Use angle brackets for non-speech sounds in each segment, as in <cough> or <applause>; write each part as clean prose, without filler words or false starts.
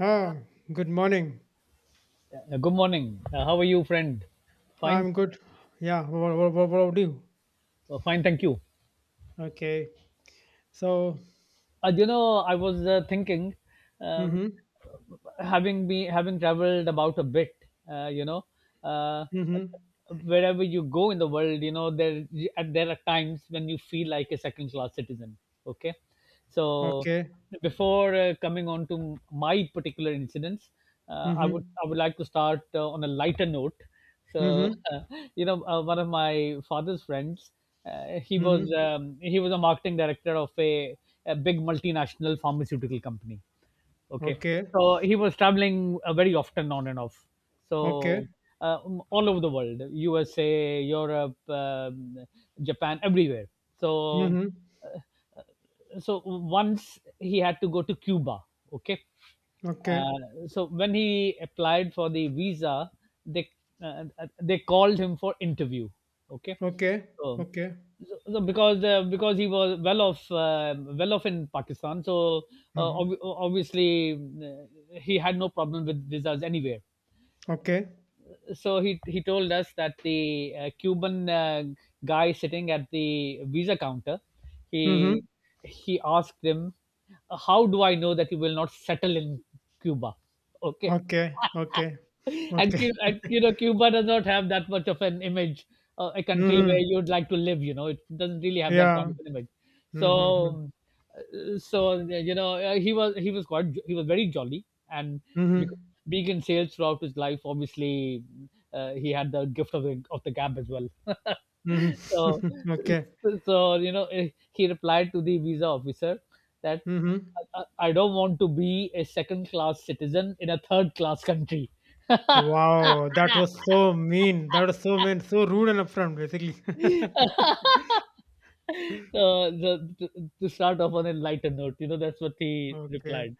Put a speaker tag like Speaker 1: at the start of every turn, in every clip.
Speaker 1: Oh, good morning.
Speaker 2: Good morning. How are you, friend? Fine.
Speaker 1: I'm good. Yeah, what about you?
Speaker 2: Oh, fine, thank you.
Speaker 1: Okay. So,
Speaker 2: I was thinking, um,
Speaker 1: mm-hmm,
Speaker 2: having traveled about a bit, uh, you know uh,
Speaker 1: mm-hmm,
Speaker 2: wherever you go in the world, you know there and there are times when you feel like a second class citizen. Okay, so
Speaker 1: okay,
Speaker 2: before coming on to my particular incidents, i would
Speaker 1: mm-hmm,
Speaker 2: i would like to start on a lighter note. So
Speaker 1: mm-hmm,
Speaker 2: <laughs> one of my father's friends,
Speaker 1: mm-hmm,
Speaker 2: he was a marketing director of a big multinational pharmaceutical company. Okay.
Speaker 1: okay,
Speaker 2: So he was traveling very often, on and off.
Speaker 1: okay,
Speaker 2: So all over the world: USA, Europe, Japan, everywhere. So
Speaker 1: mm-hmm,
Speaker 2: once he had to go to Cuba. Okay.
Speaker 1: okay,
Speaker 2: So when he applied for the visa, they uh, they called him for interview. Okay,
Speaker 1: okay,
Speaker 2: so,
Speaker 1: okay,
Speaker 2: so because he was well off, well off in Pakistan, so
Speaker 1: mm-hmm,
Speaker 2: obviously he had no problem with visas anywhere.
Speaker 1: okay,
Speaker 2: So he told us that the Cuban guy sitting at the visa counter,
Speaker 1: mm-hmm,
Speaker 2: he he asked him, "How do I know that you will not settle in Cuba?" Okay.
Speaker 1: okay, okay, okay,
Speaker 2: And you know Cuba does not have that much of an image, a country where
Speaker 1: mm-hmm,
Speaker 2: you'd like to live, you know, it doesn't really have that kind
Speaker 1: yeah,
Speaker 2: of an image.
Speaker 1: mm-hmm,
Speaker 2: So he was quite he was very jolly, and because,
Speaker 1: mm-hmm,
Speaker 2: being in sales throughout his life, obviously he had the gift of the gab as well. <laughs> So
Speaker 1: mm-hmm, <laughs> okay,
Speaker 2: he replied to the visa officer that
Speaker 1: mm-hmm.
Speaker 2: I don't want to be a second class citizen in a third class country. So,
Speaker 1: Wow, that was so mean. That was so mean, so rude and upfront, basically. <laughs>
Speaker 2: the, the, to start off on a lighter note, you know, that's what he
Speaker 1: Okay.
Speaker 2: replied.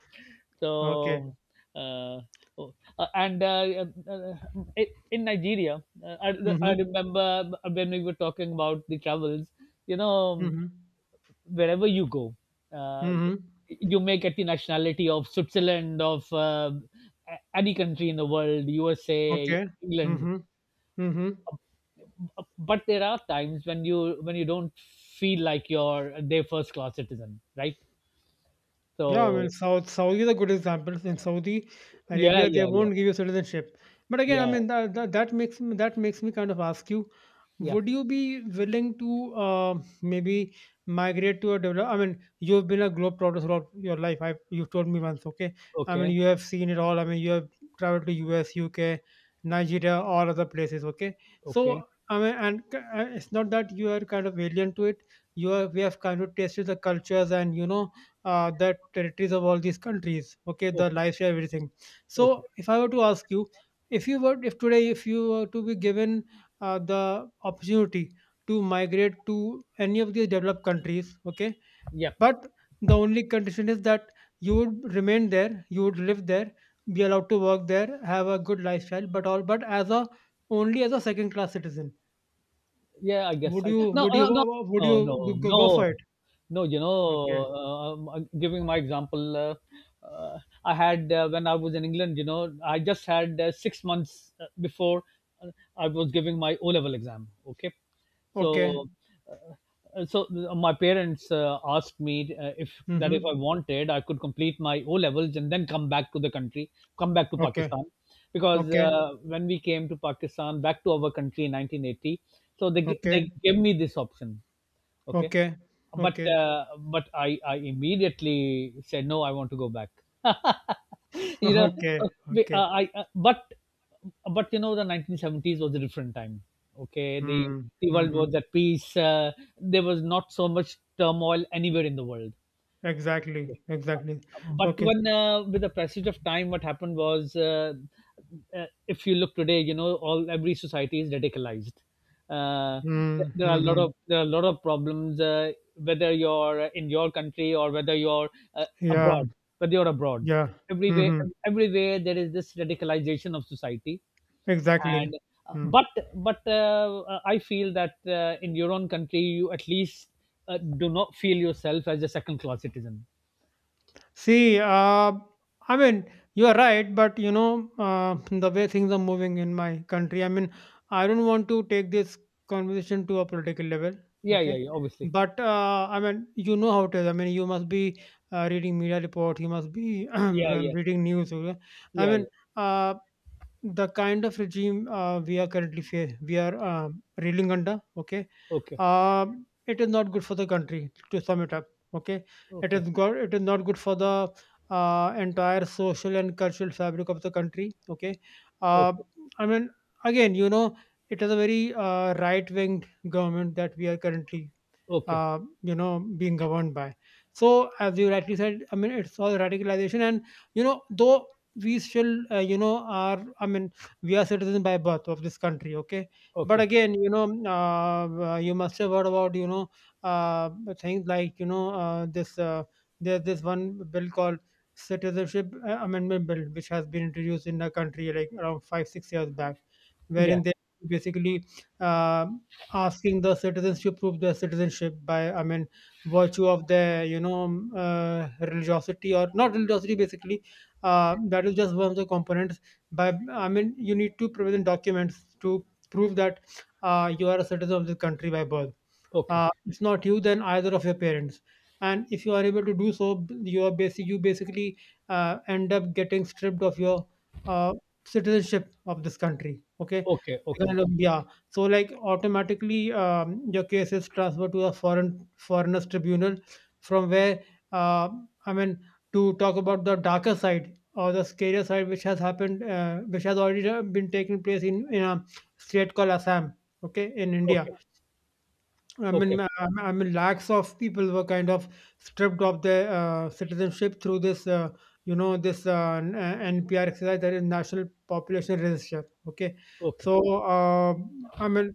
Speaker 1: Okay.
Speaker 2: So, uh, oh, and in Nigeria,
Speaker 1: Uh
Speaker 2: I
Speaker 1: huh.
Speaker 2: remember when we were talking about the travels. You
Speaker 1: Uh
Speaker 2: know,
Speaker 1: huh.
Speaker 2: wherever you go,
Speaker 1: Uh
Speaker 2: uh,
Speaker 1: huh.
Speaker 2: you may get the nationality of Switzerland, of any country in the world, USA,
Speaker 1: Okay. Uh
Speaker 2: England.
Speaker 1: huh. Uh huh.
Speaker 2: But there are times when you don't feel like you're their first class citizen, right?
Speaker 1: Yeah, I mean,
Speaker 2: So
Speaker 1: South Saudi is a good example. In Saudi
Speaker 2: yeah,
Speaker 1: Arabia, they
Speaker 2: yeah, yeah,
Speaker 1: won't give you citizenship. But again, I
Speaker 2: yeah,
Speaker 1: mean, that makes me, that makes me kind of ask you,
Speaker 2: yeah.
Speaker 1: would you be willing to maybe migrate to a develop? I mean, you've been a globetrotter throughout your life. I you've told me once, okay? I mean,
Speaker 2: Okay,
Speaker 1: you have seen it all. I mean, you have traveled to US, UK, Nigeria, all other places, okay?
Speaker 2: okay,
Speaker 1: So I mean, and it's not that you are kind of alien to it. You are, we have kind of tasted the cultures, and you know the territories of all these countries, okay, the
Speaker 2: okay,
Speaker 1: lifestyle, everything. So
Speaker 2: okay.
Speaker 1: if I were to ask you, if you were, if today if you were to be given the opportunity to migrate to any of these developed countries, okay,
Speaker 2: Yeah,
Speaker 1: but the only condition is that you would remain there, you would live there, be allowed to work there, have a good lifestyle, but all but as a, only as a second class citizen,
Speaker 2: yeah, I
Speaker 1: would
Speaker 2: guess I
Speaker 1: you,
Speaker 2: no,
Speaker 1: would you,
Speaker 2: no, no.
Speaker 1: would
Speaker 2: No, no,
Speaker 1: you go,
Speaker 2: no.
Speaker 1: go for it?
Speaker 2: No you know,
Speaker 1: Okay,
Speaker 2: giving my example, uh, I had, when I was in England, you know, I just had 6 months before uh, I was giving my O level exam. Okay.
Speaker 1: okay,
Speaker 2: So uh, my parents asked me if, that if I
Speaker 1: mm-hmm,
Speaker 2: wanted, I could complete my O levels and then come back to the country, come back to
Speaker 1: okay,
Speaker 2: Pakistan, because
Speaker 1: okay.
Speaker 2: when we came to Pakistan back to our country in 1980. So they they
Speaker 1: Okay,
Speaker 2: gave me this option. Okay.
Speaker 1: okay,
Speaker 2: But
Speaker 1: okay,
Speaker 2: but I immediately said no, I want to go back.
Speaker 1: <laughs>
Speaker 2: <laughs> You know,
Speaker 1: okay,
Speaker 2: be-
Speaker 1: okay.
Speaker 2: I but you know the 1970s was a different time. Okay.
Speaker 1: Mm,
Speaker 2: The world
Speaker 1: mm-hmm.
Speaker 2: was at peace. There was not so much turmoil anywhere in the world.
Speaker 1: Exactly,
Speaker 2: Okay?
Speaker 1: exactly.
Speaker 2: But
Speaker 1: Okay.
Speaker 2: when, with the passage of time, what happened was, if you look today, you know, all every society is radicalized. uh,
Speaker 1: Mm,
Speaker 2: there are a lot
Speaker 1: mm-hmm.
Speaker 2: of there are a lot of problems, whether you're in your country or whether you're uh,
Speaker 1: Yeah,
Speaker 2: abroad, whether you're abroad
Speaker 1: yeah.
Speaker 2: everywhere
Speaker 1: Mm-hmm.
Speaker 2: everywhere there is this radicalization of society.
Speaker 1: Exactly.
Speaker 2: And uh,
Speaker 1: Mm.
Speaker 2: but but I feel that in your own country you at least uh, do not feel yourself as a second class citizen.
Speaker 1: See, I mean, you are right, but you know, the way things are moving in my country, I mean, I don't want to take this conversation to a political level,
Speaker 2: Yeah, yeah,
Speaker 1: okay?
Speaker 2: yeah, obviously.
Speaker 1: But I mean, you know how it is. I mean, you must be reading media reports, you must be <clears throat>
Speaker 2: Yeah, yeah,
Speaker 1: reading news. Okay? I
Speaker 2: yeah, yeah.
Speaker 1: mean, uh, the kind of regime we are currently we are reeling under, okay?
Speaker 2: Okay,
Speaker 1: Uh, it is not good for the country. To sum it up, okay? It
Speaker 2: okay,
Speaker 1: is good. It is not good for the entire social and cultural fabric of the country. Okay, uh,
Speaker 2: okay,
Speaker 1: I mean, again, you know, it is a very right-wing government that we are currently
Speaker 2: okay,
Speaker 1: you know being governed by. So as you rightly said, I mean, it's all radicalization, and you know though we still you know are, I mean, we are citizens by birth of this country, okay, but
Speaker 2: okay.
Speaker 1: again, you know, you must have heard about, you know, uh, things like, you know, this there's this one bill called citizenship amendment bill, which has been introduced in the country like around 5 6 years back,
Speaker 2: Yeah,
Speaker 1: wherein they basically uh, asking the citizens to prove their citizenship by, I mean, virtue of their you know religiosity or not religiosity, basically that is just one of the components. By, I mean, you need to present documents to prove that you are a citizen of the country by birth.
Speaker 2: okay,
Speaker 1: It's not you then either of your parents, and if you are able to do so, you are basic, you basically end up getting stripped of your uh, citizenship of this country, okay,
Speaker 2: okay, okay,
Speaker 1: kind of, yeah. So like automatically your case is transferred to a foreign foreigners tribunal, from where uh, I mean, to talk about the darker side or the scarier side, which has happened, which has already been taking place in a state called Assam, okay, in India.
Speaker 2: okay,
Speaker 1: I mean,
Speaker 2: okay,
Speaker 1: I mean, lakhs of people were kind of stripped of their citizenship through this, you know, this NPR exercise, that is National Population Register. Okay,
Speaker 2: okay.
Speaker 1: so I mean,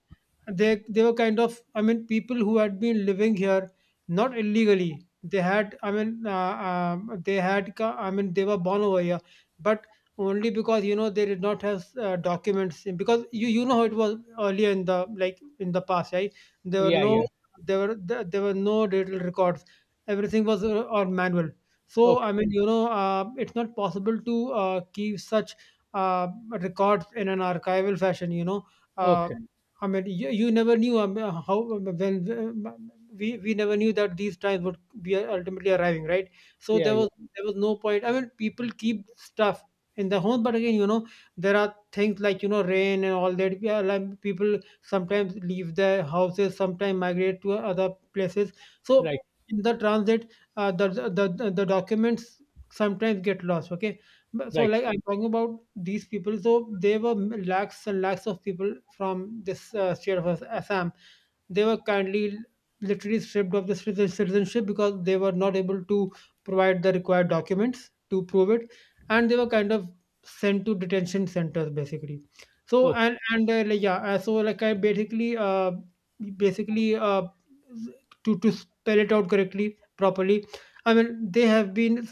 Speaker 1: they were kind of, I mean, people who had been living here not illegally. They had, I mean, they had, I mean, they were born over here, but only because you know they did not have documents, because you know how it was earlier in the, like in the past, right? There were
Speaker 2: Yeah,
Speaker 1: no,
Speaker 2: yeah.
Speaker 1: there were there were no digital records. Everything was on manual. So
Speaker 2: Okay,
Speaker 1: I mean, you know, it's not possible to keep such records in an archival fashion. You know, uh,
Speaker 2: okay.
Speaker 1: I mean, you never knew how when uh, we never knew that these times would be ultimately arriving, right? So
Speaker 2: Yeah,
Speaker 1: there
Speaker 2: yeah.
Speaker 1: was, there was no point. I mean, people keep stuff in the home, but again, you know, there are things like you know rain and all that. Yeah, like people sometimes leave their houses, sometimes migrate to other places. So
Speaker 2: Right,
Speaker 1: in the transit, the, the the documents sometimes get lost. Okay, but so
Speaker 2: right.
Speaker 1: like I'm talking about these people. So there were lakhs and lakhs of people from this state of Assam, they were kindly literally stripped of the citizenship because they were not able to provide the required documents to prove it, and they were kind of sent to detention centers, basically. So
Speaker 2: Okay,
Speaker 1: and like, yeah, so like I basically basically to spell it out correctly, properly, I mean, they have been,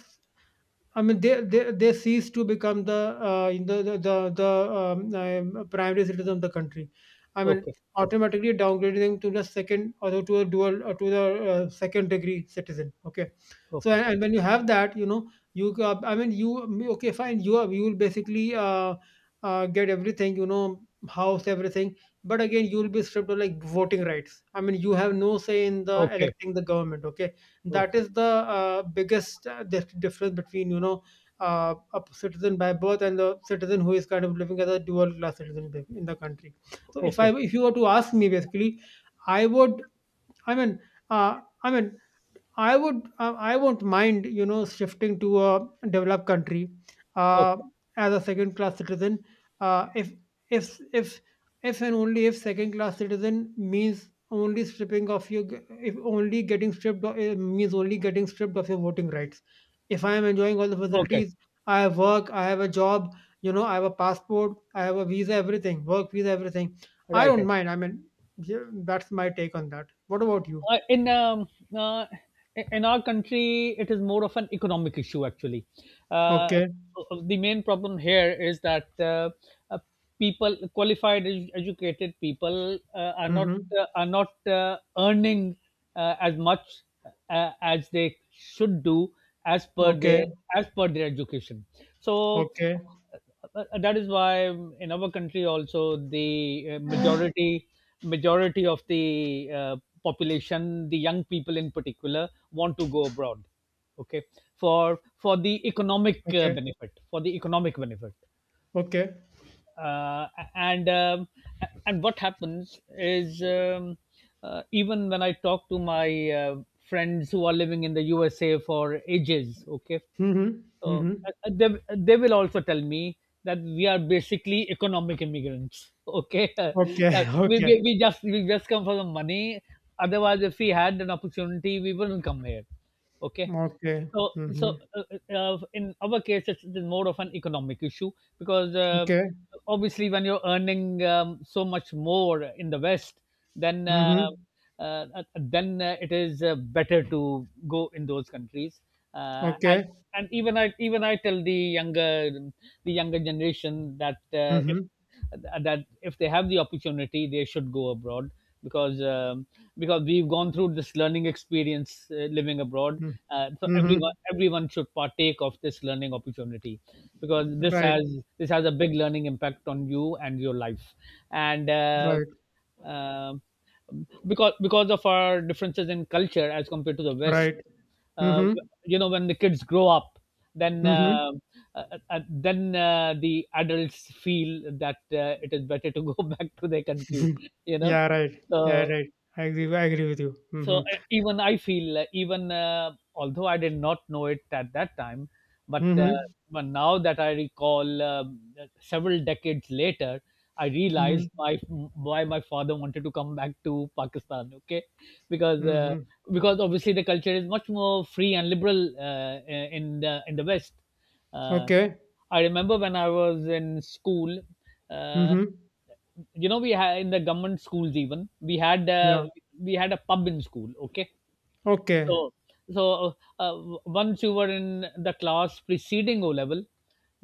Speaker 1: I mean, they they cease to become the in the the primary citizen of the country. I mean,
Speaker 2: okay,
Speaker 1: automatically downgrading to the second or to a dual or to the second degree citizen. Okay, so,
Speaker 2: okay,
Speaker 1: and when you have that, you know, you I mean, you, okay, fine, you are, you will basically get everything, you know, house, everything, but again, you will be stripped of like voting rights. I mean, you have no say in the
Speaker 2: okay,
Speaker 1: electing the government. Okay, that
Speaker 2: okay,
Speaker 1: is the biggest difference between you know a citizen by birth and the citizen who is kind of living as a dual class citizen in the country. So if I,
Speaker 2: okay,
Speaker 1: if you were to ask me basically, I would, I mean, I mean, I would I won't mind you know shifting to a developed country uh,
Speaker 2: okay,
Speaker 1: as a second class citizen, uh, if if if and only if second class citizen means only stripping of your, if only getting stripped of, eh, means only getting stripped of your voting rights. If I am enjoying all the
Speaker 2: okay.
Speaker 1: facilities, I have work, I have a job, you know, I have a passport, I have a visa, everything, work visa, everything. I
Speaker 2: Right,
Speaker 1: don't
Speaker 2: right.
Speaker 1: mind. I mean, yeah, that's my take on that. What about you?
Speaker 2: In uh, in our country, it is more of an economic issue actually. Uh,
Speaker 1: Okay.
Speaker 2: so, the main problem here is that uh, people, qualified, educated people,
Speaker 1: Mm-hmm.
Speaker 2: are not earning as much as they should do, as per
Speaker 1: Okay.
Speaker 2: their, as per their education. So
Speaker 1: Okay.
Speaker 2: that is why, in our country also, the majority of the population, the young people in particular, want to go abroad, okay, for the economic
Speaker 1: Okay.
Speaker 2: benefit, for the economic benefit.
Speaker 1: Okay.
Speaker 2: uh, and and what happens is, even when I talk to my friends who are living in the USA for ages, okay,
Speaker 1: Mm-hmm. Mm-hmm.
Speaker 2: they will also tell me that we are basically economic immigrants <laughs> okay.
Speaker 1: Okay.
Speaker 2: That
Speaker 1: <laughs> Okay.
Speaker 2: we just, come for the money. Otherwise, if we had an opportunity, we wouldn't come here. Okay.
Speaker 1: Okay.
Speaker 2: So,
Speaker 1: Mm-hmm.
Speaker 2: in our case, it's more of an economic issue, because
Speaker 1: Okay.
Speaker 2: obviously, when you're earning so much more in the West, then uh,
Speaker 1: Mm-hmm.
Speaker 2: then it is better to go in those countries. And
Speaker 1: Okay.
Speaker 2: even I tell the younger, the younger generation, that
Speaker 1: Mm-hmm.
Speaker 2: if, that if they have the opportunity, they should go abroad, because um, because we've gone through this learning experience, living abroad.
Speaker 1: Mm.
Speaker 2: So everyone,
Speaker 1: Mm-hmm.
Speaker 2: should partake of this learning opportunity, because
Speaker 1: Right.
Speaker 2: this has a big learning impact on you and your life. And
Speaker 1: Right.
Speaker 2: um because, of our differences in culture as compared to the West,
Speaker 1: Right.
Speaker 2: uh,
Speaker 1: Mm-hmm.
Speaker 2: you know, when the kids grow up, then
Speaker 1: Mm-hmm.
Speaker 2: uh, uh, then the adults feel that it is better to go <laughs> back to their country,
Speaker 1: <laughs>
Speaker 2: you know.
Speaker 1: yeah. Right. Yeah.
Speaker 2: So
Speaker 1: Right. I agree. I agree with you. Mm-hmm.
Speaker 2: even I feel, even although I did not know it at that time, but uh,
Speaker 1: Mm-hmm.
Speaker 2: but now that I recall, several decades later, I realized
Speaker 1: Mm-hmm.
Speaker 2: my why my father wanted to come back to Pakistan. Okay. Because
Speaker 1: Mm-hmm.
Speaker 2: because obviously the culture is much more free and liberal, in the, in the West. uh,
Speaker 1: Okay.
Speaker 2: I remember when I was in school, uh,
Speaker 1: Mm-hmm.
Speaker 2: you know, we had in the government schools, even
Speaker 1: Yeah.
Speaker 2: we had a pub in school. Okay.
Speaker 1: Okay.
Speaker 2: So once you were in the class preceding O level,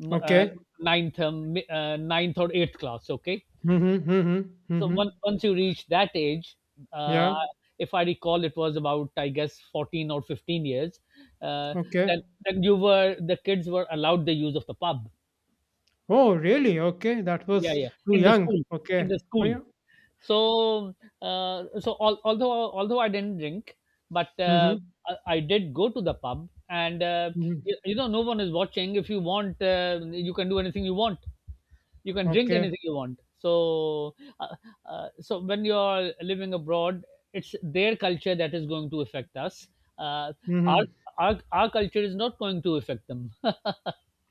Speaker 2: m- uh,
Speaker 1: Okay.
Speaker 2: ninth, ninth or eighth class, okay,
Speaker 1: Mm-hmm. Mm-hmm.
Speaker 2: so
Speaker 1: Mm-hmm.
Speaker 2: once, you reach that age, uh,
Speaker 1: Yeah.
Speaker 2: if I recall it was about, I guess, 14 or 15 years, uh, then,
Speaker 1: Okay.
Speaker 2: you were the kids were allowed the use of the pub.
Speaker 1: Oh, really? Okay. That
Speaker 2: Yeah,
Speaker 1: was
Speaker 2: yeah.
Speaker 1: too
Speaker 2: In the
Speaker 1: young.
Speaker 2: school, in
Speaker 1: Okay.
Speaker 2: the
Speaker 1: Oh,
Speaker 2: school
Speaker 1: yeah.
Speaker 2: so, so although, I didn't drink, but
Speaker 1: Mm-hmm.
Speaker 2: I did go to the pub, and
Speaker 1: Mm-hmm.
Speaker 2: you, you know, no one is watching. If you want, you can do anything you want. You can drink
Speaker 1: Okay.
Speaker 2: anything you want. So, uh, so when you're living abroad, it's their culture that is going to affect us. Uh, our,
Speaker 1: Mm-hmm.
Speaker 2: our culture is not going to affect them.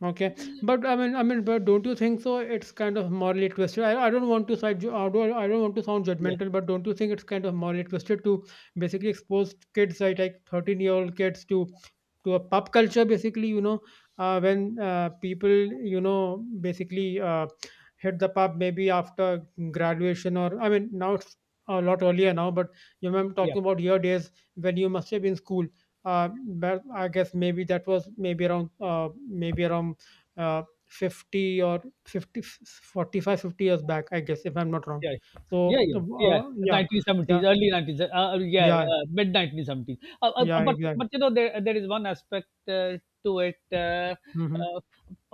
Speaker 1: Okay, but I mean, but don't you think so? It's kind of morally twisted. I don't want to side, I don't want to sound
Speaker 2: <laughs> Yeah,
Speaker 1: judgmental, but don't you think it's kind of morally twisted to basically expose kids, like 13-year old kids, to a pop culture, basically, you know, when people, you know, basically hit the pub maybe after graduation, or I mean, now it's a lot earlier now, but you know, I'm
Speaker 2: yeah.
Speaker 1: talking about your days when you must have been school. Uh, but I guess maybe that was maybe around uh, 50 or 50, 45, 50 years back, I guess, if I'm not wrong.
Speaker 2: Yeah,
Speaker 1: So
Speaker 2: yeah, yeah, yeah.
Speaker 1: yeah, yeah,
Speaker 2: 1970s, early 19, yeah,
Speaker 1: yeah,
Speaker 2: mid 1970s.
Speaker 1: yeah,
Speaker 2: But
Speaker 1: exactly,
Speaker 2: you know there, is one aspect to it.
Speaker 1: mm-hmm.
Speaker 2: Uh,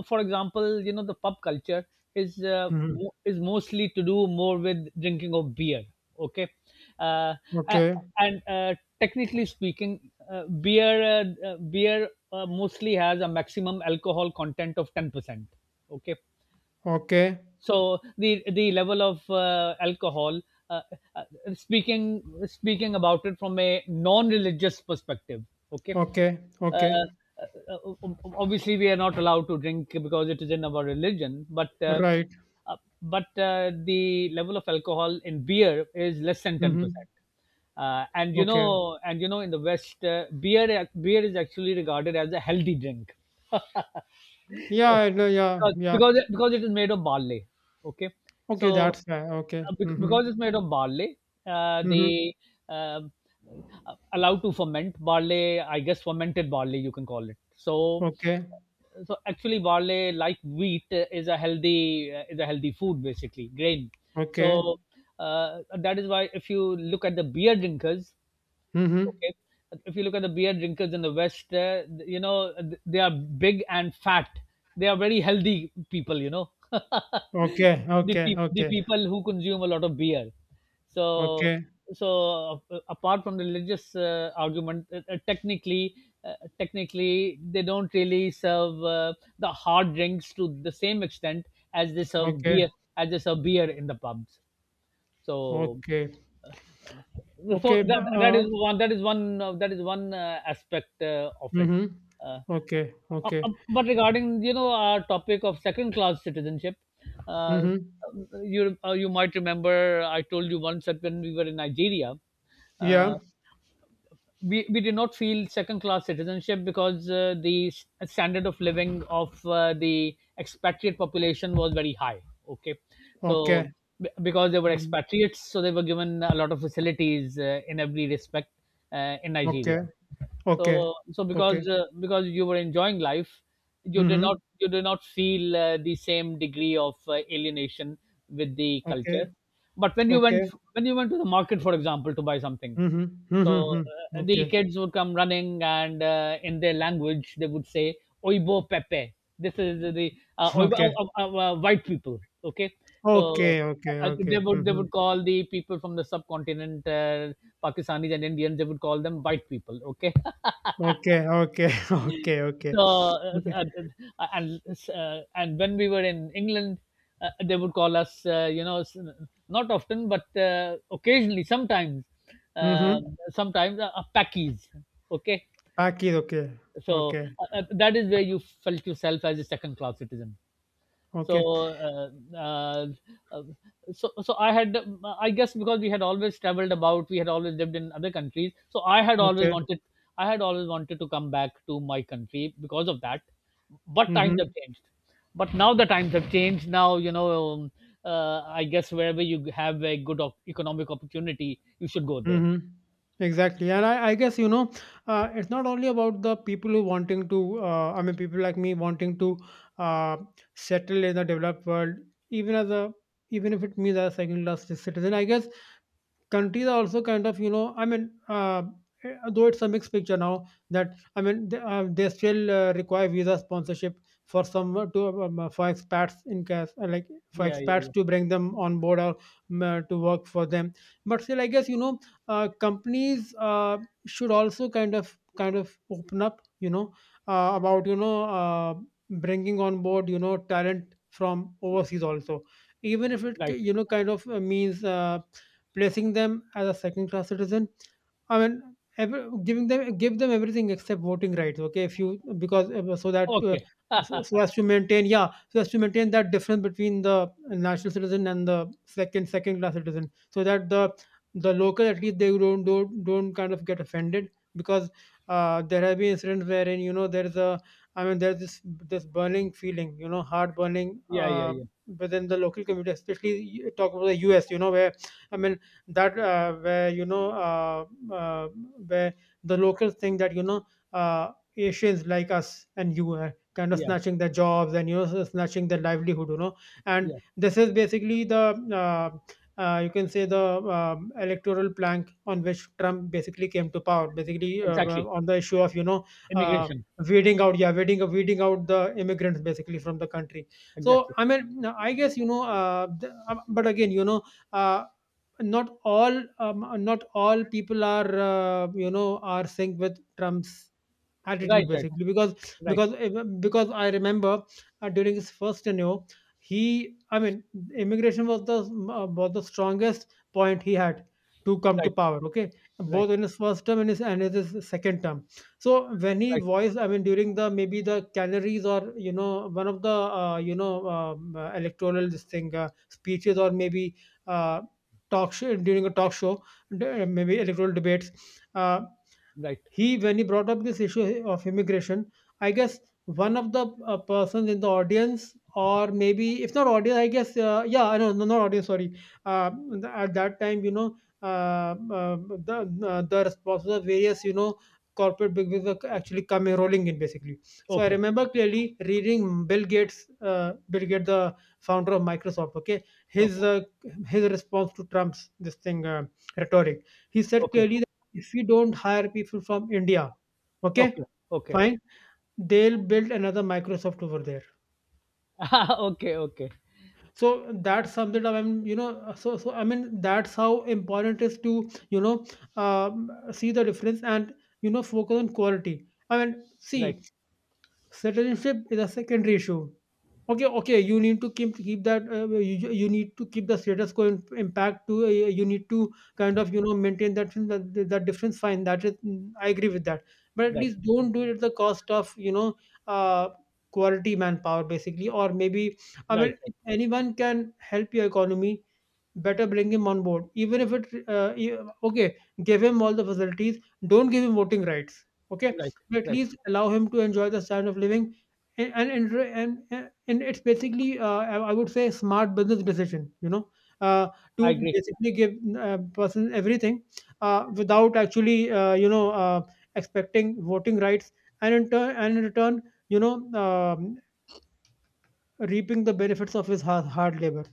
Speaker 2: for example, you know the pub culture is
Speaker 1: Mm-hmm.
Speaker 2: is mostly to do more with drinking of beer. Okay. uh, a-
Speaker 1: Okay,
Speaker 2: and technically speaking, beer, mostly has a maximum alcohol content of 10%. Okay.
Speaker 1: okay,
Speaker 2: So the, level of alcohol, uh, uh, speaking, about it from a non-religious perspective, okay,
Speaker 1: okay,
Speaker 2: uh,
Speaker 1: okay,
Speaker 2: obviously we are not allowed to drink because it is in our religion, but
Speaker 1: right,
Speaker 2: uh, the level of alcohol in beer is less than
Speaker 1: mm-hmm,
Speaker 2: 10%. And you
Speaker 1: okay,
Speaker 2: know, in the West, beer, is actually regarded as a healthy drink. <laughs>
Speaker 1: yeah,
Speaker 2: Oh,
Speaker 1: I know, yeah,
Speaker 2: because,
Speaker 1: yeah,
Speaker 2: it is made of barley. Okay.
Speaker 1: okay,
Speaker 2: So
Speaker 1: that's fair, okay, mm-hmm.
Speaker 2: because it's made of barley,
Speaker 1: Mm-hmm.
Speaker 2: they um, allow to ferment barley. I guess fermented barley, you can call it. So
Speaker 1: Okay,
Speaker 2: actually barley, like wheat, is a healthy, is a healthy food, basically grain.
Speaker 1: okay,
Speaker 2: So that is why, if you look at the beer drinkers.
Speaker 1: mm-hmm,
Speaker 2: Okay. If you look at the beer drinkers in the West, you know, they are big and fat. They are very healthy people, you know. <laughs>
Speaker 1: okay, okay,
Speaker 2: The
Speaker 1: okay,
Speaker 2: people who consume a lot of beer. So,
Speaker 1: okay,
Speaker 2: so, apart from the religious argument, technically, uh, technically, they don't really serve the hard drinks to the same extent as they serve
Speaker 1: okay,
Speaker 2: beer, as they serve beer in the pubs. so
Speaker 1: okay,
Speaker 2: uh, so
Speaker 1: okay,
Speaker 2: that that is one that is one that is one aspect of it.
Speaker 1: mm-hmm,
Speaker 2: uh,
Speaker 1: okay, okay,
Speaker 2: but regarding our topic of second class citizenship, uh,
Speaker 1: mm-hmm.
Speaker 2: you you might remember I told you once that when we were in Nigeria, uh,
Speaker 1: Yeah.
Speaker 2: we did not feel second class citizenship because the standard of living of the expatriate population was very high. Okay. So
Speaker 1: Okay.
Speaker 2: because they were
Speaker 1: Mhm.
Speaker 2: expatriates, so they were given a lot of facilities in every respect in Nigeria.
Speaker 1: Okay. Okay.
Speaker 2: So so
Speaker 1: Okay.
Speaker 2: because you were enjoying life, you did not
Speaker 1: Mhm.
Speaker 2: you did not feel the same degree of alienation with the culture.
Speaker 1: Okay.
Speaker 2: But when you went,
Speaker 1: Okay.
Speaker 2: when you went to the market, for example, to buy something,
Speaker 1: Mhm. Mhm.
Speaker 2: so
Speaker 1: Mhm.
Speaker 2: the
Speaker 1: Okay.
Speaker 2: kids would come running, and in their language they would say, "Oibo pepe." This is the
Speaker 1: <laughs>
Speaker 2: oibo,
Speaker 1: Okay.
Speaker 2: white people. Okay, so
Speaker 1: Okay. Okay.
Speaker 2: they
Speaker 1: Okay.
Speaker 2: would they would
Speaker 1: Mhm.
Speaker 2: call the people from the subcontinent, Pakistanis and Indians, they would call them white people. Okay,
Speaker 1: Okay. Okay. <laughs> Okay. Okay. Okay.
Speaker 2: so, uh, and and when we were in England, they would call us, not often, but occasionally, sometimes, uh,
Speaker 1: Mhm.
Speaker 2: sometimes, packies. Okay,
Speaker 1: Okie Okay.
Speaker 2: so
Speaker 1: Okay.
Speaker 2: that is where you felt yourself as a second-class citizen. so
Speaker 1: Okay.
Speaker 2: uh, uh, uh, so so I had, I guess because we had always traveled about, we had always lived in other countries, so i had always
Speaker 1: Okay.
Speaker 2: wanted i had always wanted to come back to my country because of that. But times have
Speaker 1: Mhm.
Speaker 2: changed. But now the times have changed now, you know. I guess wherever you have a good economic opportunity, you should go there.
Speaker 1: Mm-hmm. Exactly, and I guess you know, it's not only about the people who wanting to. I mean, people like me wanting to uh, settle in the developed world, even as a, even if it means as a second class citizen. I guess countries are also kind of though it's a mixed picture now that I mean they still require visa sponsorship for some to for expats, in case like for
Speaker 2: yeah yeah
Speaker 1: expats,
Speaker 2: yeah
Speaker 1: to bring them on board or to work for them. But still, I guess you know companies should also kind of open up, you know, uh, about you know uh, bringing on board, you know, talent from overseas also, even if it
Speaker 2: Right.
Speaker 1: kind of means placing them as a second class citizen. I mean, every, giving them give them everything except voting rights. Okay, if you because so that
Speaker 2: Okay.
Speaker 1: so,
Speaker 2: <laughs>
Speaker 1: so as to maintain, yeah, so as to maintain that difference between the national citizen and the second class citizen, so that the local, at least, they don't kind of get offended, because there have been incidents wherein, you know, there is a, I mean, there's this burning feeling, you know, heart burning,
Speaker 2: yeah yeah yeah
Speaker 1: within the local community, especially you talk about the U.S., you know, where, I mean, that where you know uh, where the locals think that, you know, Asians like us and you are kind of
Speaker 2: yeah
Speaker 1: snatching their jobs and, you know, snatching their livelihood, you know. And
Speaker 2: yeah
Speaker 1: this is basically the you can say the electoral plank on which Trump basically came to power, basically
Speaker 2: Exactly,
Speaker 1: on the issue of, you know. Uh,
Speaker 2: immigration.
Speaker 1: Weeding out, yeah, weeding out the immigrants basically from the country. So
Speaker 2: Exactly.
Speaker 1: I mean, I guess, you know, but again, you know, uh, not all not all people are you know, are synced with Trump's attitude,
Speaker 2: right right
Speaker 1: basically, because
Speaker 2: right
Speaker 1: because eh, because I remember during his first tenure, he, I mean, immigration was the strongest point he had to come to
Speaker 2: right
Speaker 1: power. Okay,
Speaker 2: Right,
Speaker 1: both in his first term and his and in his second term. So when he
Speaker 2: right,
Speaker 1: voiced, I mean, during the maybe the canaries or, you know, one of the electoral this thing speeches, or maybe uh, talk show, during a talk show, maybe electoral debates, uh,
Speaker 2: right.
Speaker 1: he, when he brought up this issue of immigration, I guess one of the persons in the audience, or maybe, if not audience, I guess, yeah, I know no, not audience, sorry. At that time, you know, uh, uh, the the responses of various, you know, corporate bigwigs were actually coming, rolling in, basically. So I
Speaker 2: Okay,
Speaker 1: remember clearly reading Bill Gates, the founder of Microsoft. Okay,
Speaker 2: okay,
Speaker 1: his uh, his response to Trump's this thing rhetoric, he said
Speaker 2: okay,
Speaker 1: clearly, if we don't hire people from India, okay,
Speaker 2: okay, okay,
Speaker 1: fine, they'll build another Microsoft over there.
Speaker 2: <laughs> okay, okay.
Speaker 1: So that sums it up. I mean, you know, so I mean, that's how important it is to, you know, see the difference and, you know, focus on quality. I mean,
Speaker 2: Right,
Speaker 1: see, citizenship is a secondary issue. Okay, okay, you need to keep that. You, you need to keep the status quo in impact to. You need to kind of, you know, maintain that difference. Fine, that is, I agree with that. But at
Speaker 2: right,
Speaker 1: least don't do it at the cost of, you know, uh, quality manpower, basically, or maybe, I
Speaker 2: right,
Speaker 1: mean,
Speaker 2: right,
Speaker 1: if anyone can help your economy, better bring him on board, even if it okay, give him all the facilities, don't give him voting rights, okay,
Speaker 2: right,
Speaker 1: but at
Speaker 2: right.
Speaker 1: least allow him to enjoy the standard of living. And it's basically I would say smart business decision, you know, uh, to
Speaker 2: I agree.
Speaker 1: basically give a person everything without actually, expecting voting rights, and in turn and in return, you know, um, reaping the benefits of his hard labor.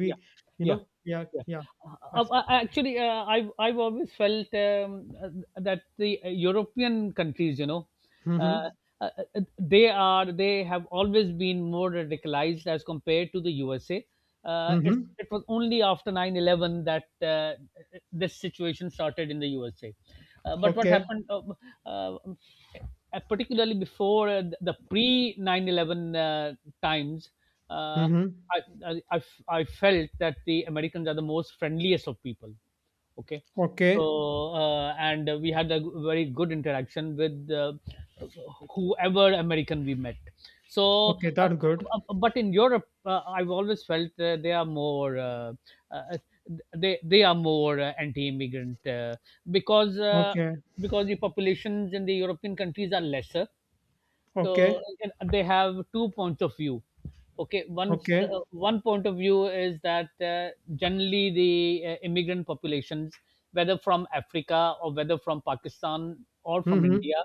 Speaker 2: Yeah,
Speaker 1: you
Speaker 2: yeah,
Speaker 1: know, yeah,
Speaker 2: yeah.
Speaker 1: yeah.
Speaker 2: Uh,
Speaker 1: That's
Speaker 2: Actually, I've always felt that the European countries, you know, uh,
Speaker 1: mhm.
Speaker 2: they are, they have always been more radicalized as compared to the USA. It's,
Speaker 1: Mhm.
Speaker 2: it was only after 9/11 that this situation started in the USA. But what
Speaker 1: Okay.
Speaker 2: happened, uh, particularly before the pre 9/11 times, uh,
Speaker 1: Mhm.
Speaker 2: I, I felt that the Americans are the most friendliest of people. Okay,
Speaker 1: Okay.
Speaker 2: so and we had a very good interaction with whoever American we met. So,
Speaker 1: Okay, that's good.
Speaker 2: but in Europe, I've always felt they are more uh, they are more anti-immigrant, because uh,
Speaker 1: Okay.
Speaker 2: because the populations in the European countries are lesser.
Speaker 1: Okay.
Speaker 2: So, and they have two points of view. Okay, once
Speaker 1: Okay.
Speaker 2: one point of view is that generally the immigrant populations, whether from Africa or whether from Pakistan or from
Speaker 1: Mhm.
Speaker 2: India,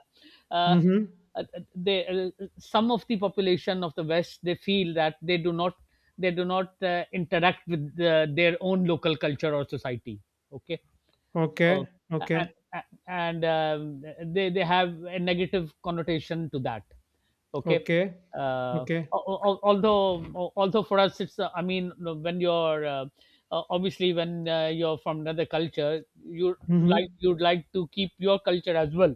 Speaker 2: uh,
Speaker 1: Mhm.
Speaker 2: uh, they, some of the population of the West, they feel that they do not interact with their own local culture or society. Okay.
Speaker 1: Okay.
Speaker 2: So, and,
Speaker 1: Okay.
Speaker 2: and they have a negative connotation to that. Okay,
Speaker 1: Okay.
Speaker 2: uh,
Speaker 1: Okay.
Speaker 2: although, although for us it's, I mean, when you're, obviously when you're from another culture, you, like,
Speaker 1: Mhm.
Speaker 2: you'd like to keep your culture as well.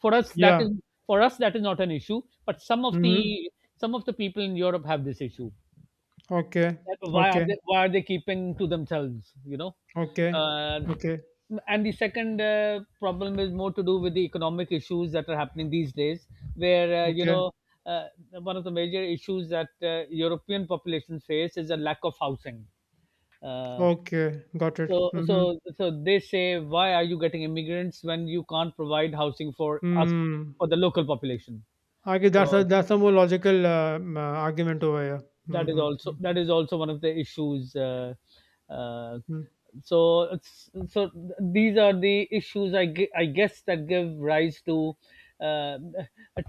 Speaker 2: For us that
Speaker 1: Yeah.
Speaker 2: is for us that is not an issue, but some of
Speaker 1: Mhm.
Speaker 2: the, some of the people in Europe have this issue,
Speaker 1: Okay.
Speaker 2: that why are
Speaker 1: Okay.
Speaker 2: they, why are they keeping to themselves, you know.
Speaker 1: Okay.
Speaker 2: uh,
Speaker 1: Okay.
Speaker 2: and the second problem is more to do with the economic issues that are happening these days, where, you
Speaker 1: Okay.
Speaker 2: know, uh, one of the major issues that European populations face is a lack of housing. uh,
Speaker 1: Okay. Got it.
Speaker 2: so
Speaker 1: Mhm.
Speaker 2: so so they say, why are you getting immigrants when you can't provide housing for us,
Speaker 1: Hmm.
Speaker 2: for the local population?
Speaker 1: I guess
Speaker 2: So
Speaker 1: that's a more logical argument over here.
Speaker 2: that is
Speaker 1: Mm-hmm, mm-hmm.
Speaker 2: also, that is also one of the issues. Uh, so these are the issues, I, I guess, that give rise to, uh,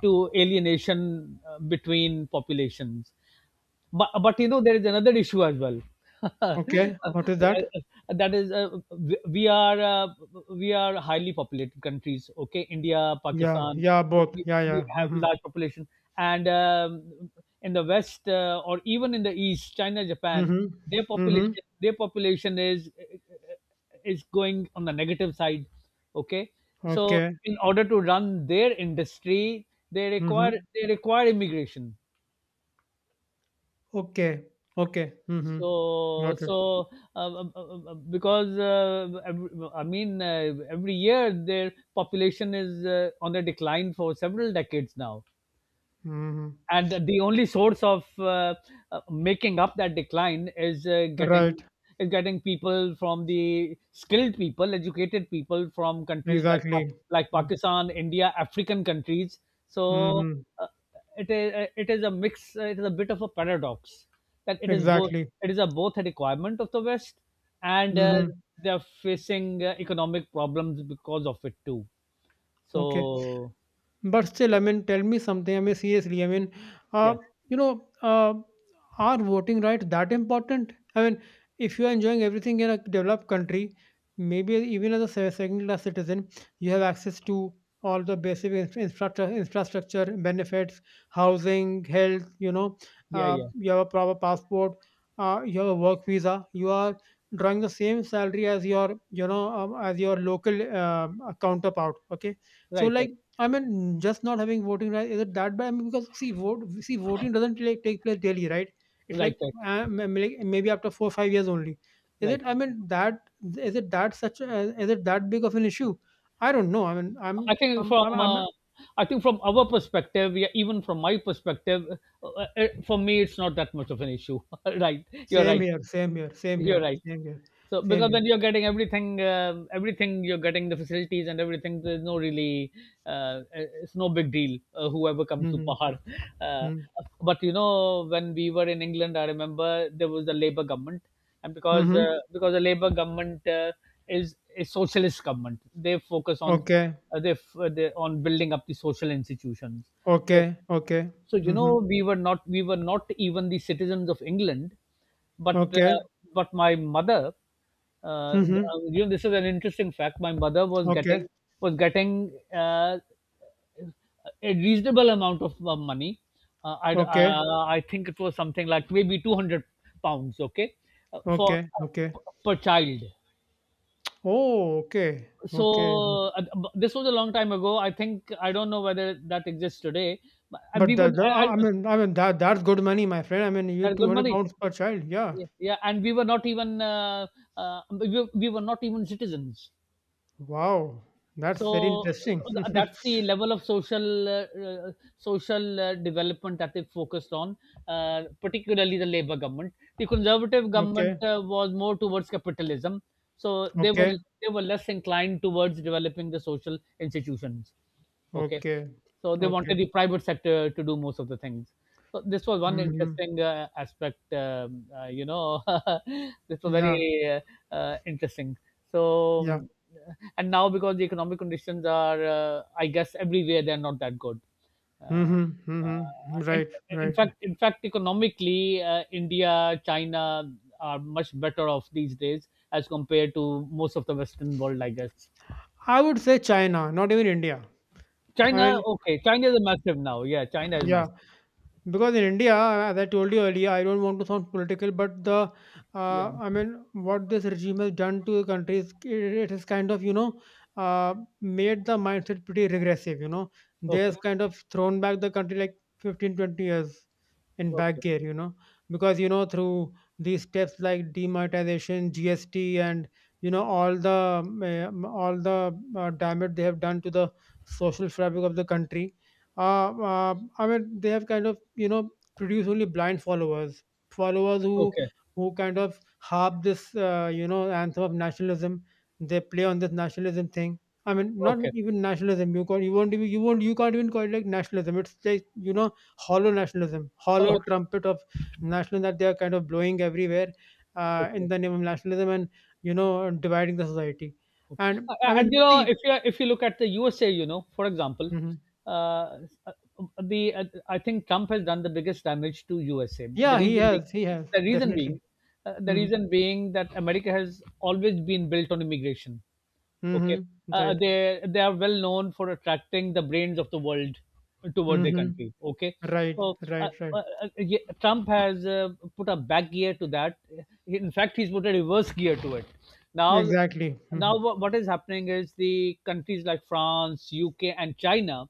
Speaker 2: to alienation between populations. But, you know, there is another issue as well. <laughs>
Speaker 1: Okay, what is that?
Speaker 2: That is, we are highly populated countries. Okay, India,
Speaker 1: Yeah,
Speaker 2: Pakistan,
Speaker 1: yeah, both.
Speaker 2: we,
Speaker 1: Yeah, yeah.
Speaker 2: we have
Speaker 1: Mm-hmm.
Speaker 2: large population, and in the West, or even in the East, China, Japan,
Speaker 1: Mm-hmm.
Speaker 2: their
Speaker 1: Mm-hmm.
Speaker 2: population their population is, is going on the negative side. Okay, so
Speaker 1: Okay.
Speaker 2: in order to run their industry, they require
Speaker 1: Mm-hmm.
Speaker 2: they require immigration.
Speaker 1: Okay. Okay. Mm-hmm.
Speaker 2: So,
Speaker 1: Got it.
Speaker 2: because every, I mean every year their population is, on the decline for several decades now,
Speaker 1: Mm-hmm.
Speaker 2: and the only source of, making up that decline is,
Speaker 1: Right.
Speaker 2: getting, is getting people from the skilled people, educated people from countries like
Speaker 1: Exactly.
Speaker 2: like
Speaker 1: Mm-hmm.
Speaker 2: Pakistan, India, African countries. So
Speaker 1: Mm-hmm.
Speaker 2: uh, it is, it is a mix. It is a bit of a paradox, that it is both,
Speaker 1: Exactly.
Speaker 2: it is a both a requirement of the West, and
Speaker 1: Mm-hmm.
Speaker 2: they are facing economic problems because of it too.
Speaker 1: Okay.
Speaker 2: So
Speaker 1: But still, I mean, tell me something. I mean, seriously, I mean, uh,
Speaker 2: yeah,
Speaker 1: you know, uh, are voting rights that important? I mean, if you are enjoying everything in a developed country, maybe even as a second class citizen, you have access to all the basic infrastructure, infrastructure benefits, housing, health, you know,
Speaker 2: yeah, yeah,
Speaker 1: you have a proper passport, you have a work visa, you are drawing the same salary as your, you know, as your local counterpart. Okay. So,
Speaker 2: right, right,
Speaker 1: like, I mean, just not having voting right, is it that bad? I mean, because see, vote see, voting doesn't like take place daily, right? It's
Speaker 2: right,
Speaker 1: like
Speaker 2: right,
Speaker 1: like, maybe after 4 or 5 years only. Is it?
Speaker 2: right.
Speaker 1: I mean, that is it that such a, is it that big of an issue? I don't know. I mean, I'm
Speaker 2: I think
Speaker 1: I'm
Speaker 2: from,
Speaker 1: I'm, I'm
Speaker 2: I think from our perspective, yeah, even from my perspective, for me, it's not that much of an issue. <laughs> Right, you're
Speaker 1: same
Speaker 2: right.
Speaker 1: here, same here, same
Speaker 2: You're
Speaker 1: here,
Speaker 2: right.
Speaker 1: same here,
Speaker 2: So
Speaker 1: same
Speaker 2: because
Speaker 1: here.
Speaker 2: then you're getting everything, everything, you're getting the facilities and everything. There's no really, uh, uh, it's no big deal. Whoever comes to
Speaker 1: Mm-hmm.
Speaker 2: power, uh,
Speaker 1: Mm-hmm.
Speaker 2: but you know, when we were in England, I remember there was the Labour government, and because,
Speaker 1: Mm-hmm.
Speaker 2: because the Labour government, is a socialist government, they focus on,
Speaker 1: Okay.
Speaker 2: they, they on building up the social institutions. So
Speaker 1: Okay. Okay.
Speaker 2: so you
Speaker 1: Mm-hmm.
Speaker 2: know, we were not even the citizens of England, but
Speaker 1: Okay.
Speaker 2: my mother,
Speaker 1: Mm-hmm.
Speaker 2: you know, this is an interesting fact. My mother was
Speaker 1: Okay.
Speaker 2: getting, was getting a reasonable amount of money.
Speaker 1: Okay.
Speaker 2: I think it was something like maybe £200. Okay, for
Speaker 1: Okay. Okay.
Speaker 2: per child.
Speaker 1: Oh, okay. Okay.
Speaker 2: So this was a long time ago. I think I don't know whether that exists today, but
Speaker 1: But
Speaker 2: we
Speaker 1: the
Speaker 2: were,
Speaker 1: the I mean, I mean, that that's good money, my friend. I mean, you,
Speaker 2: that's good
Speaker 1: 200
Speaker 2: money.
Speaker 1: pounds per child. Yeah.
Speaker 2: Yeah, yeah, and we were not even, we were not even citizens.
Speaker 1: Wow. That's very
Speaker 2: So,
Speaker 1: interesting. <laughs>
Speaker 2: that's the level of social, social development that they focused on, particularly the labor government. The Conservative government,
Speaker 1: Okay.
Speaker 2: was more towards capitalism, so they were
Speaker 1: Okay.
Speaker 2: they were less inclined towards developing the social institutions. Okay.
Speaker 1: Okay.
Speaker 2: So they wanted
Speaker 1: Okay.
Speaker 2: the private sector to do most of the things. So this was one
Speaker 1: Hmm.
Speaker 2: interesting aspect, you know, <laughs> this was
Speaker 1: Yeah.
Speaker 2: very interesting. So,
Speaker 1: Yeah.
Speaker 2: and now because the economic conditions are, I guess, everywhere they're not that good. Uh,
Speaker 1: Hmm.
Speaker 2: uh,
Speaker 1: Hmm.
Speaker 2: in,
Speaker 1: Right.
Speaker 2: in
Speaker 1: Right.
Speaker 2: fact,
Speaker 1: Right.
Speaker 2: in fact, economically, India, China are much better off these days as compared to most of the Western world, I guess.
Speaker 1: I would say China, not even India. I
Speaker 2: China,
Speaker 1: mean,
Speaker 2: okay. China is massive now. Yeah, China is
Speaker 1: yeah.
Speaker 2: massive.
Speaker 1: Because in India, as I told you earlier, I don't want to sound political, but the
Speaker 2: Yeah.
Speaker 1: I mean, what this regime has done to the country is it, it has kind of, you know, uh, made the mindset pretty regressive. You know, they
Speaker 2: Okay.
Speaker 1: has kind of thrown back the country like 15, 20 years in back
Speaker 2: Okay.
Speaker 1: gear. You know, because, you know, through these steps like demonetization, GST, and, you know, all the damage they have done to the social fabric of the country, I mean, they have kind of, you know, produce only blind followers, followers
Speaker 2: Okay.
Speaker 1: who kind of harp this, you know, anthem of nationalism. They play on this nationalism thing. I mean, not
Speaker 2: Okay.
Speaker 1: even nationalism, you can't you won't even you won't you can't even call it like nationalism. It's like, you know, hollow nationalism, hollow
Speaker 2: <laughs>
Speaker 1: trumpet of nationalism that they are kind of blowing everywhere
Speaker 2: Okay.
Speaker 1: in
Speaker 2: Okay.
Speaker 1: the name of nationalism, and, you know, dividing the society.
Speaker 2: Okay.
Speaker 1: And I
Speaker 2: And
Speaker 1: mean,
Speaker 2: you know,
Speaker 1: see,
Speaker 2: if you, if you look at the USA, you know, for example,
Speaker 1: mhm.
Speaker 2: uh, uh, the I think Trump has done the biggest damage to USA. The
Speaker 1: Yeah, he
Speaker 2: reason being,
Speaker 1: has, he has
Speaker 2: the reason
Speaker 1: definitely.
Speaker 2: being, the
Speaker 1: Hmm.
Speaker 2: reason being that America has always been built on immigration. Okay.
Speaker 1: Hmm. Right.
Speaker 2: They are well known for attracting the brains of the world toward their
Speaker 1: Hmm.
Speaker 2: country. Okay,
Speaker 1: Right,
Speaker 2: so
Speaker 1: right, right.
Speaker 2: Trump has, put a back gear to that. In fact, he's put a reverse gear to it. Now,
Speaker 1: Exactly. Hmm.
Speaker 2: now what is happening is the countries like France, UK, and China,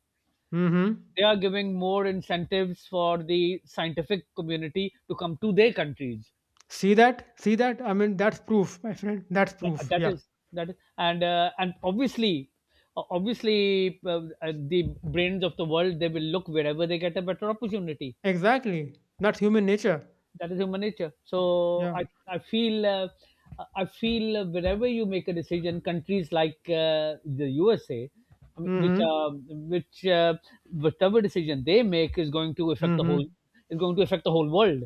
Speaker 1: Hmm.
Speaker 2: they are giving more incentives for the scientific community to come to their countries.
Speaker 1: See that? See that? I mean, that's proof, my friend. That's proof.
Speaker 2: That
Speaker 1: Yeah.
Speaker 2: is, that is, and obviously, the brains of the world, they will look wherever they get a better opportunity.
Speaker 1: Exactly. That's human nature.
Speaker 2: That is human nature. So
Speaker 1: Yeah.
Speaker 2: I feel, I feel, wherever you make a decision, countries like, the USA, I mean, which,
Speaker 1: Mm-hmm.
Speaker 2: which uh, whatever decision they make is going to affect the whole,
Speaker 1: Mm-hmm.
Speaker 2: is going to affect the whole world.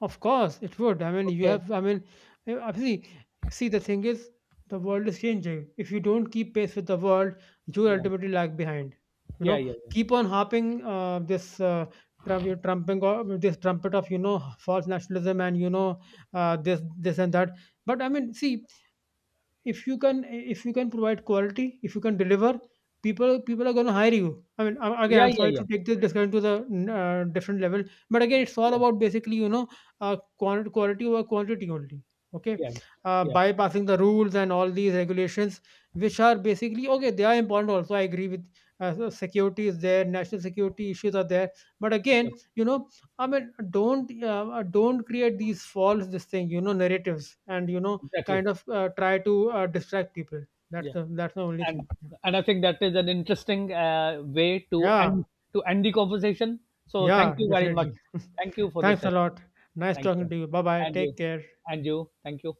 Speaker 1: Of course it would. I mean, you
Speaker 2: Okay.
Speaker 1: have, I mean, see, see, the thing is, the world is changing. If you don't keep pace with the world, you will
Speaker 2: Yeah,
Speaker 1: ultimately lag behind. You
Speaker 2: yeah,
Speaker 1: know,
Speaker 2: yeah,
Speaker 1: keep on harping trumping or this trumpet of, you know, false nationalism, and, you know, this this and that. But I mean, see, if you can provide quality, if you can deliver, people are going to hire you. I mean, again,
Speaker 2: yeah,
Speaker 1: I'm
Speaker 2: yeah,
Speaker 1: sorry
Speaker 2: yeah,
Speaker 1: to
Speaker 2: yeah,
Speaker 1: take this discussion to the different level, but again, it's all
Speaker 2: yeah,
Speaker 1: about basically, you know, quality over quantity only. Okay,
Speaker 2: yeah, yeah,
Speaker 1: bypassing the rules and all these regulations, which are basically, okay, they are important also, I agree with. So security is there, national security issues are there, but
Speaker 2: yeah.
Speaker 1: again, you know, I mean, don't create these false this thing, you know, narratives, and, you know,
Speaker 2: Exactly.
Speaker 1: kind of, try to, distract people. That's
Speaker 2: Yeah.
Speaker 1: the, that's the only
Speaker 2: and
Speaker 1: thing. Yeah.
Speaker 2: and I think that is an interesting way to
Speaker 1: Yeah,
Speaker 2: end, to end the conversation. So thank
Speaker 1: yeah,
Speaker 2: you very much.
Speaker 1: definitely. <laughs>
Speaker 2: Thank you for this
Speaker 1: Thanks a
Speaker 2: session.
Speaker 1: lot. Nice
Speaker 2: Thank
Speaker 1: talking
Speaker 2: you,
Speaker 1: to you. Bye-bye.
Speaker 2: and you,
Speaker 1: Take care.
Speaker 2: and you. Thank you.